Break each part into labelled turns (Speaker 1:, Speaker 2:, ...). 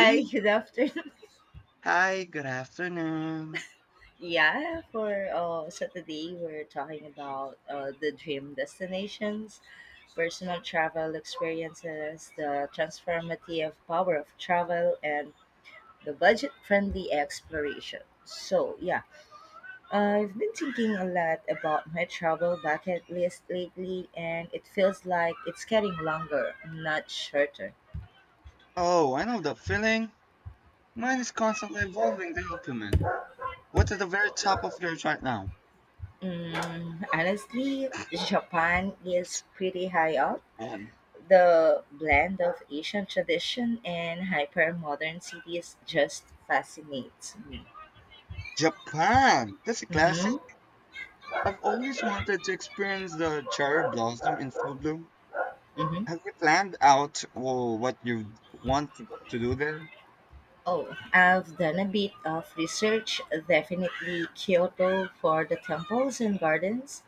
Speaker 1: Hi,
Speaker 2: Hey,
Speaker 1: good afternoon.
Speaker 2: hi, good afternoon.
Speaker 1: Yeah, for so today we're talking about the dream destinations, personal travel experiences, the transformative power of travel, and the budget-friendly exploration. So yeah, I've been thinking a lot about my travel bucket list lately, and it feels like it's getting longer, not shorter.
Speaker 2: Oh, I know that feeling. Mine is constantly evolving the document. What's at the very top of yours right now?
Speaker 1: Honestly, Japan is pretty high up.
Speaker 2: Japan.
Speaker 1: The blend of Asian tradition and hyper modern cities just fascinates me.
Speaker 2: Japan! That's a classic.
Speaker 1: hmm
Speaker 2: I've always wanted to experience the cherry blossom in full bloom.
Speaker 1: hmm
Speaker 2: Have you planned out well, what you want to do there?
Speaker 1: Oh, I've done a bit of research. Definitely Kyoto for the temples and gardens,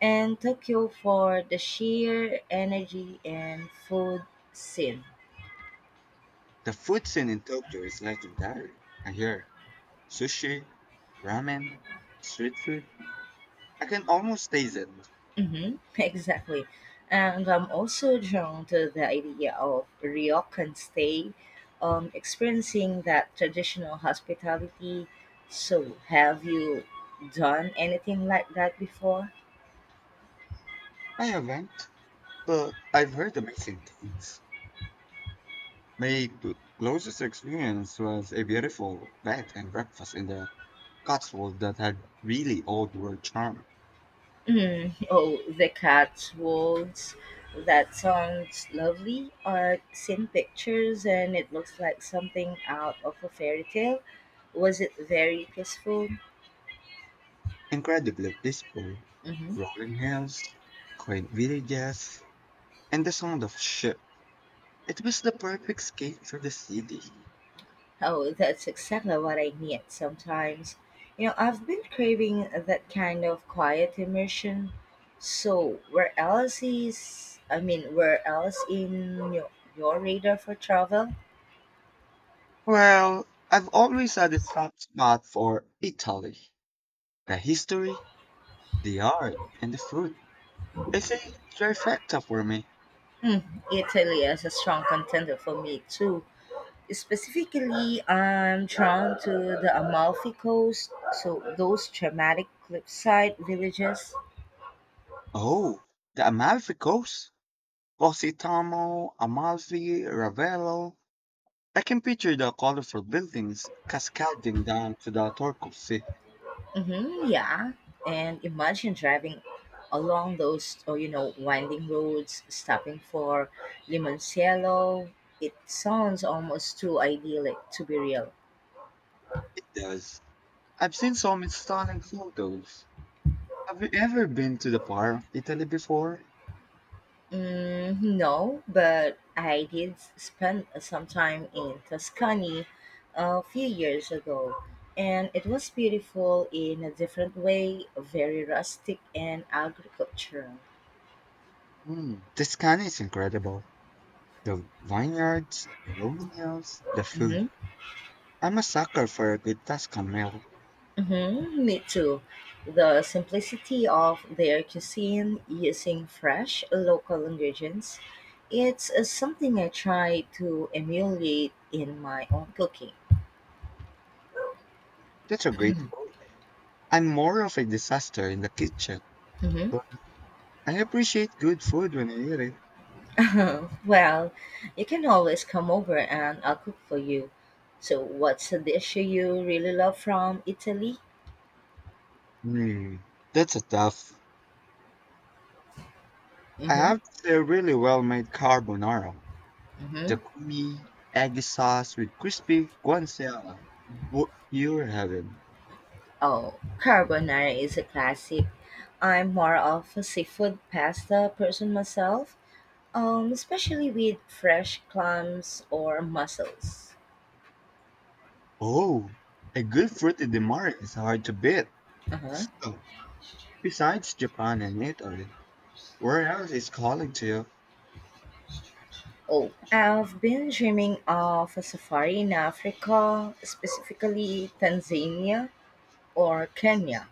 Speaker 1: and Tokyo for the sheer energy and food scene.
Speaker 2: The food scene in Tokyo is legendary. I hear sushi, ramen, street food. I can almost taste it.
Speaker 1: Exactly. And I'm also drawn to the idea of ryokan stay, experiencing that traditional hospitality. So, have you done anything like that before?
Speaker 2: I haven't. But I've heard amazing things. My closest experience was a beautiful bed and breakfast in the Cotswolds that had really old world charm.
Speaker 1: Mm, oh, the cat's Cotswolds. That sounds lovely. I've seen pictures and it looks like something out of a fairy tale. Was it very peaceful?
Speaker 2: Incredibly peaceful,
Speaker 1: Hmm.
Speaker 2: rolling hills, quaint villages, and the sound of ship. It was the perfect escape from the city.
Speaker 1: Oh, that's exactly what I need sometimes. You know, I've been craving that kind of quiet immersion. So, where else is, I mean, where else in your radar for travel?
Speaker 2: Well, I've always had a soft spot for Italy. The history, the art, and the food. It's a trifecta for me.
Speaker 1: Hmm, Italy is a strong contender for me too. Specifically, I'm drawn to the Amalfi Coast, so those dramatic cliffside villages.
Speaker 2: Oh, the Amalfi Coast. Positano, Amalfi, Ravello. I can picture the colorful buildings cascading down to the Turku Sea.
Speaker 1: Mm-hmm, yeah. And imagine driving along those, oh, you know, winding roads, stopping for Limoncello. It sounds almost too idyllic to be real.
Speaker 2: It does. I've seen some stunning photos. Have you ever been to the part of Italy before?
Speaker 1: Mm, no, but I did spend some time in Tuscany a few years ago, and it was beautiful in a different way, very rustic and agricultural.
Speaker 2: Hmm, the scan is incredible. The vineyards, the rolling hills, the food.
Speaker 1: Mhm.
Speaker 2: I'm a sucker for a good Tuscan meal.
Speaker 1: Mhm, me too. The simplicity of their cuisine using fresh local ingredients, it's something I try to emulate in my own cooking.
Speaker 2: That's a great food. I'm more of a disaster in the kitchen,
Speaker 1: Mhm.
Speaker 2: but I appreciate good food when I eat it.
Speaker 1: Well, you can always come over and I'll cook for you. So, what's a dish you really love from Italy?
Speaker 2: Hmm, that's a tough. I
Speaker 1: Mm-hmm.
Speaker 2: have to say, a really well-made carbonara. The
Speaker 1: Mm-hmm.
Speaker 2: creamy, eggy sauce with crispy guanciale. What? You're heaven.
Speaker 1: Oh, carbonara is a classic. I'm more of a seafood pasta person myself, especially with fresh clams or mussels.
Speaker 2: Oh, a good fruity di mare is hard to beat.
Speaker 1: Uh-huh.
Speaker 2: So, besides Japan and Italy, where else is calling to you?
Speaker 1: Oh, I've been dreaming of a safari in Africa, specifically Tanzania or Kenya.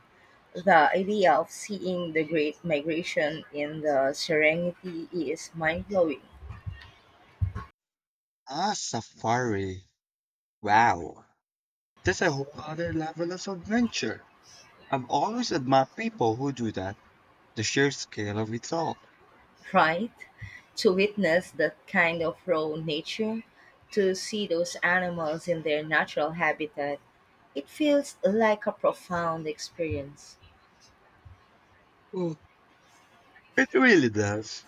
Speaker 1: The idea of seeing the Great Migration in the Serengeti is mind blowing,
Speaker 2: Ah, safari. Wow, that's a whole other level of adventure. I've always admired people who do that. The sheer scale of it all.
Speaker 1: right? To witness that kind of raw nature, to see those animals in their natural habitat, it feels like a profound experience.
Speaker 2: Oh, it really does.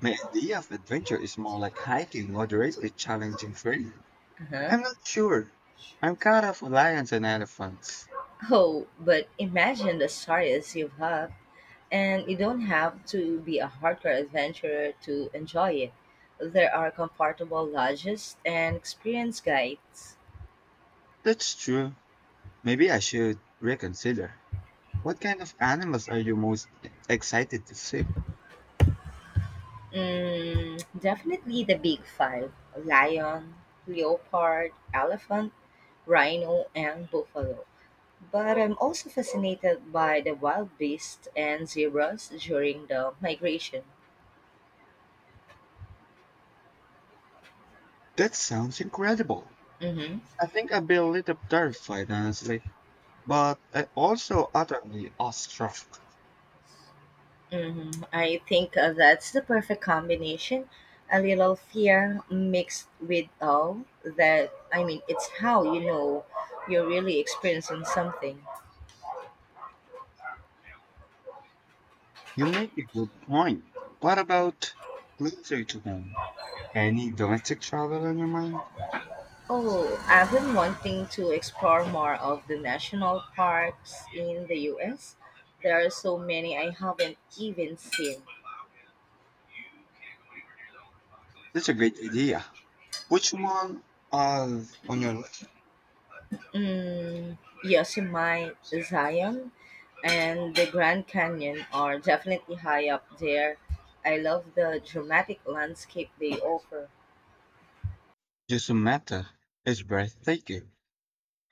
Speaker 2: My idea of adventure is more like hiking, moderately challenging terrain.
Speaker 1: Uh-huh.
Speaker 2: I'm not sure. I'm kind of lions and elephants.
Speaker 1: Oh, but imagine the stories you've had, and you don't have to be a hardcore adventurer to enjoy it. There are comfortable lodges and experienced guides.
Speaker 2: That's true. Maybe I should reconsider. What kind of animals are you most excited to see?
Speaker 1: Mm, definitely the big five lion, leopard, elephant, rhino, and buffalo. But I'm also fascinated by the wild beasts and zebras during the migration.
Speaker 2: That sounds incredible.
Speaker 1: Mhm.
Speaker 2: I think I'd be a little terrified, honestly, but I also utterly awestruck.
Speaker 1: Mhm. I think that's the perfect combination. A little fear mixed with awe it's how you know you're really experiencing something.
Speaker 2: You make a good point. What about closer to home? Any domestic travel on your mind?
Speaker 1: Oh, I've been wanting to explore more of the national parks in the US. There are so many I haven't even seen.
Speaker 2: That's a great idea. Which one uh, on your list?
Speaker 1: Mm, Yosemite, Zion, and the Grand Canyon are definitely high up there. I love the dramatic landscape they offer.
Speaker 2: Just a matter. It's breathtaking.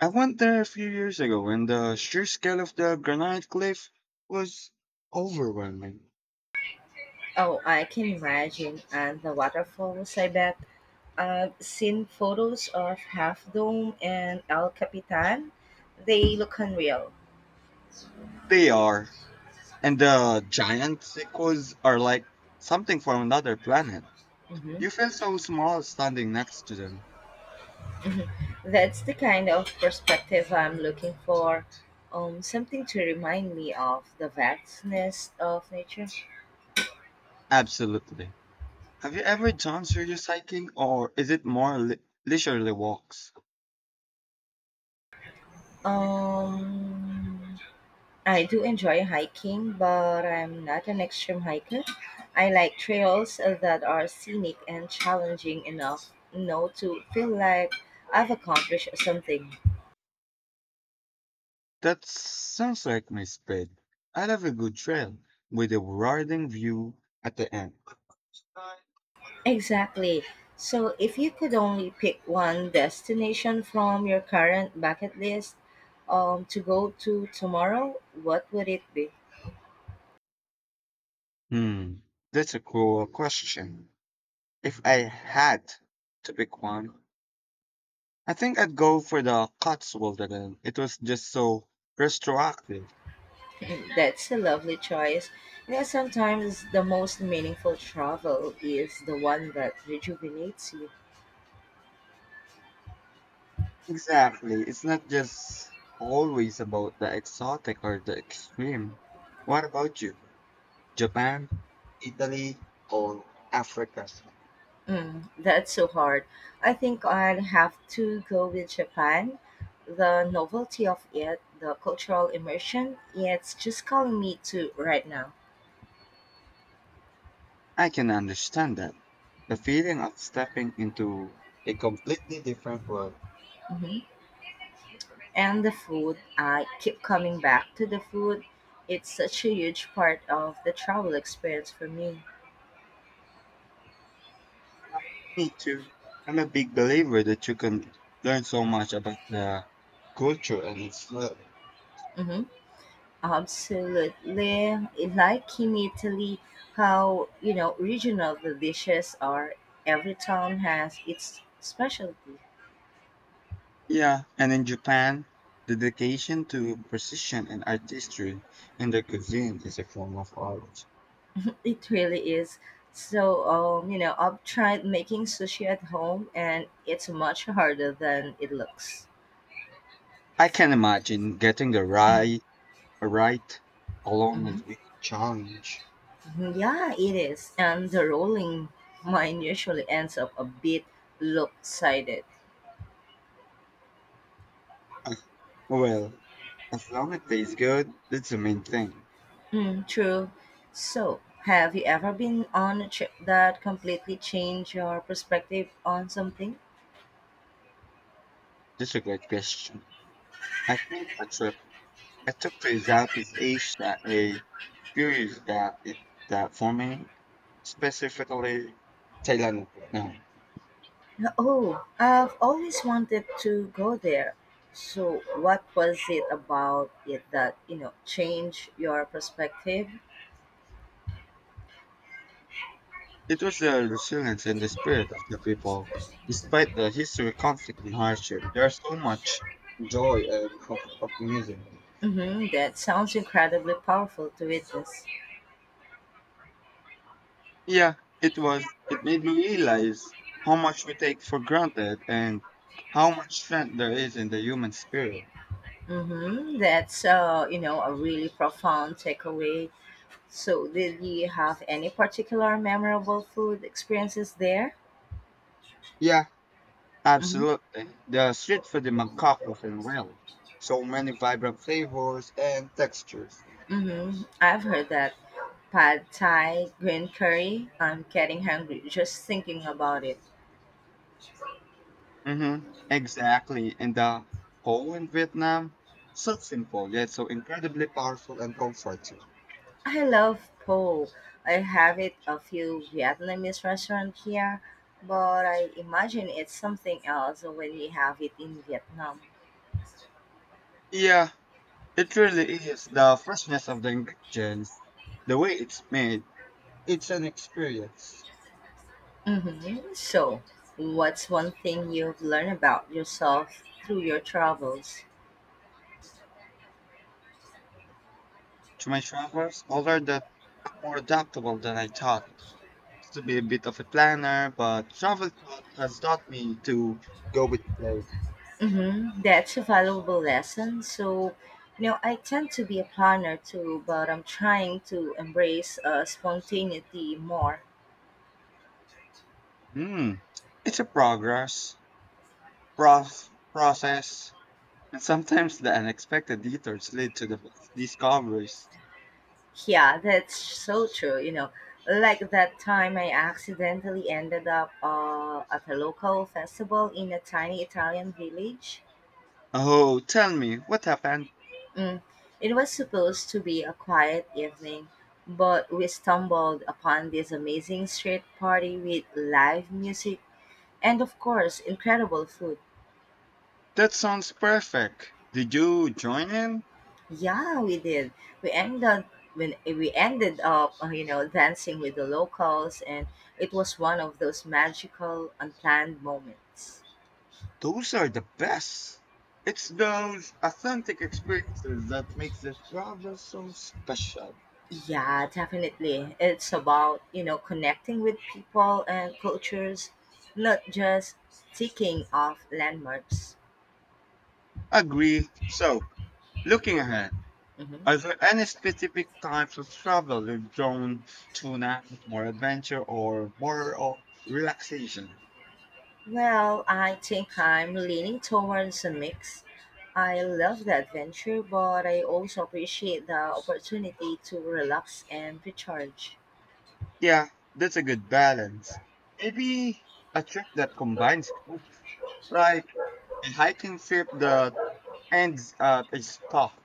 Speaker 2: I went there a few years ago, and the sheer scale of the granite cliff was overwhelming.
Speaker 1: Oh, I can imagine. And the waterfalls, I bet. I've seen photos of Half Dome and El Capitan. They look unreal.
Speaker 2: They are, and the giant sequoias are like something from another planet.
Speaker 1: Hmm.
Speaker 2: You feel so small standing next to them.
Speaker 1: That's the kind of perspective I'm looking for. Something to remind me of the vastness of nature.
Speaker 2: Absolutely. Have you ever done serious hiking, or is it more leisurely walks?
Speaker 1: Um, I do enjoy hiking, but I'm not an extreme hiker. I like trails that are scenic and challenging enough, you know, to feel like I've accomplished something.
Speaker 2: That sounds like my speed. I love a good trail with a rewarding view at the end.
Speaker 1: Exactly. So, if you could only pick one destination from your current bucket list to go to tomorrow, what would it be?
Speaker 2: Hmm, that's a cool question. If I had to pick one, I think I'd go for the Cotswold again. It was just so retroactive.
Speaker 1: That's a lovely choice. You know, sometimes the most meaningful travel is the one that rejuvenates you.
Speaker 2: Exactly. It's not just always about the exotic or the extreme. What about you? Japan, Italy, or Africa?
Speaker 1: Mm, that's so hard. I think I'd have to go with Japan. The novelty of it, the cultural immersion, it's just calling me to right now.
Speaker 2: I can understand that. The feeling of stepping into a completely different world.
Speaker 1: Hmm. And the food, I keep coming back to the food. It's such a huge part of the travel experience for me.
Speaker 2: Me too. I'm a big believer that you can learn so much about the culture and its love.
Speaker 1: Mhm. Absolutely. Like in Italy, how, you know, regional the dishes are. Every town has its specialty.
Speaker 2: Yeah, and in Japan, dedication to precision and artistry in the cuisine is a form of art.
Speaker 1: It really is. So, you know, I've tried making sushi at home and it's much harder than it looks.
Speaker 2: I can imagine getting the right along
Speaker 1: Hmm.
Speaker 2: with the challenge.
Speaker 1: Yeah, it is. And the rolling mine usually ends up a bit lopsided.
Speaker 2: Uh, Well, as long as it tastes good, that's the main thing.
Speaker 1: Hmm, true. So, have you ever been on a trip that completely changed your perspective on something?
Speaker 2: That's a great question. I think a trip to Southeast Asia a few years that it, that for me specifically Thailand. No.
Speaker 1: Oh, I've always wanted to go there. So, what was it about it that, you know, changed your perspective?
Speaker 2: It was the resilience and the spirit of the people. Despite the history, conflict, and hardship, there's so much joy and optimism.
Speaker 1: Mm-hmm, that sounds incredibly powerful to witness.
Speaker 2: Yeah, it was. It made me realize how much we take for granted and how much strength there is in the human spirit.
Speaker 1: Mm-hmm, that's, you know, a really profound takeaway. So, did you have any particular memorable food experiences there?
Speaker 2: Yeah,
Speaker 1: Mm-hmm.
Speaker 2: absolutely. The street food in Bangkok was unreal. So many vibrant flavors and textures.
Speaker 1: Mm-hmm. I've heard that pad thai, green curry. I'm getting hungry just thinking about it.
Speaker 2: Mm-hmm, exactly. And the whole in Vietnam, so simple yet so incredibly powerful and comforting.
Speaker 1: I love po. I have it a few Vietnamese restaurants here, but I imagine it's something else when you have it in Vietnam.
Speaker 2: Yeah, it really is. The freshness of the ingredients, the way it's made, it's an experience.
Speaker 1: Mm-hmm. So, what's one thing you've learned about yourself through your travels?
Speaker 2: To my travelers, although that more adaptable than I thought. Used to be a bit of a planner, but travel thought has taught me to go with flow.
Speaker 1: Mm-hmm. That's a valuable lesson. So, you know, I tend to be a planner too, but I'm trying to embrace spontaneity more.
Speaker 2: Mm, it's a progress, process, and sometimes the unexpected detours lead to the best discoveries.
Speaker 1: Yeah, that's so true. You know, like that time I accidentally ended up at a local festival in a tiny Italian village.
Speaker 2: Oh, tell me, what happened?
Speaker 1: Mm. It was supposed to be a quiet evening, but we stumbled upon this amazing street party with live music and, of course, incredible food.
Speaker 2: That sounds perfect. Did you join in?
Speaker 1: Yeah, we did. We ended up, when we ended up, you know, dancing with the locals, and it was one of those magical, unplanned moments.
Speaker 2: Those are the best. It's those authentic experiences that makes the travel so special.
Speaker 1: Yeah, definitely. It's about, you know, connecting with people and cultures, not just ticking off landmarks.
Speaker 2: Agree. So, looking ahead,
Speaker 1: Hmm.
Speaker 2: are there any specific types of travel you're drawn to now? More adventure or more of relaxation?
Speaker 1: Well, I think I'm leaning towards a mix. I love the adventure, but I also appreciate the opportunity to relax and recharge.
Speaker 2: Yeah, that's a good balance. Maybe a trip that combines both, like a hiking trip that ends at a spa.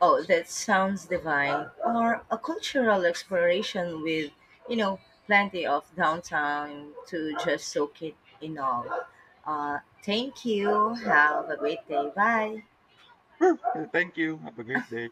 Speaker 1: Oh, that sounds divine. Or a cultural exploration with, you know, plenty of downtime to just soak it in all. Thank you. Have a great day. Bye.
Speaker 2: Sure. Thank you. Have a great day.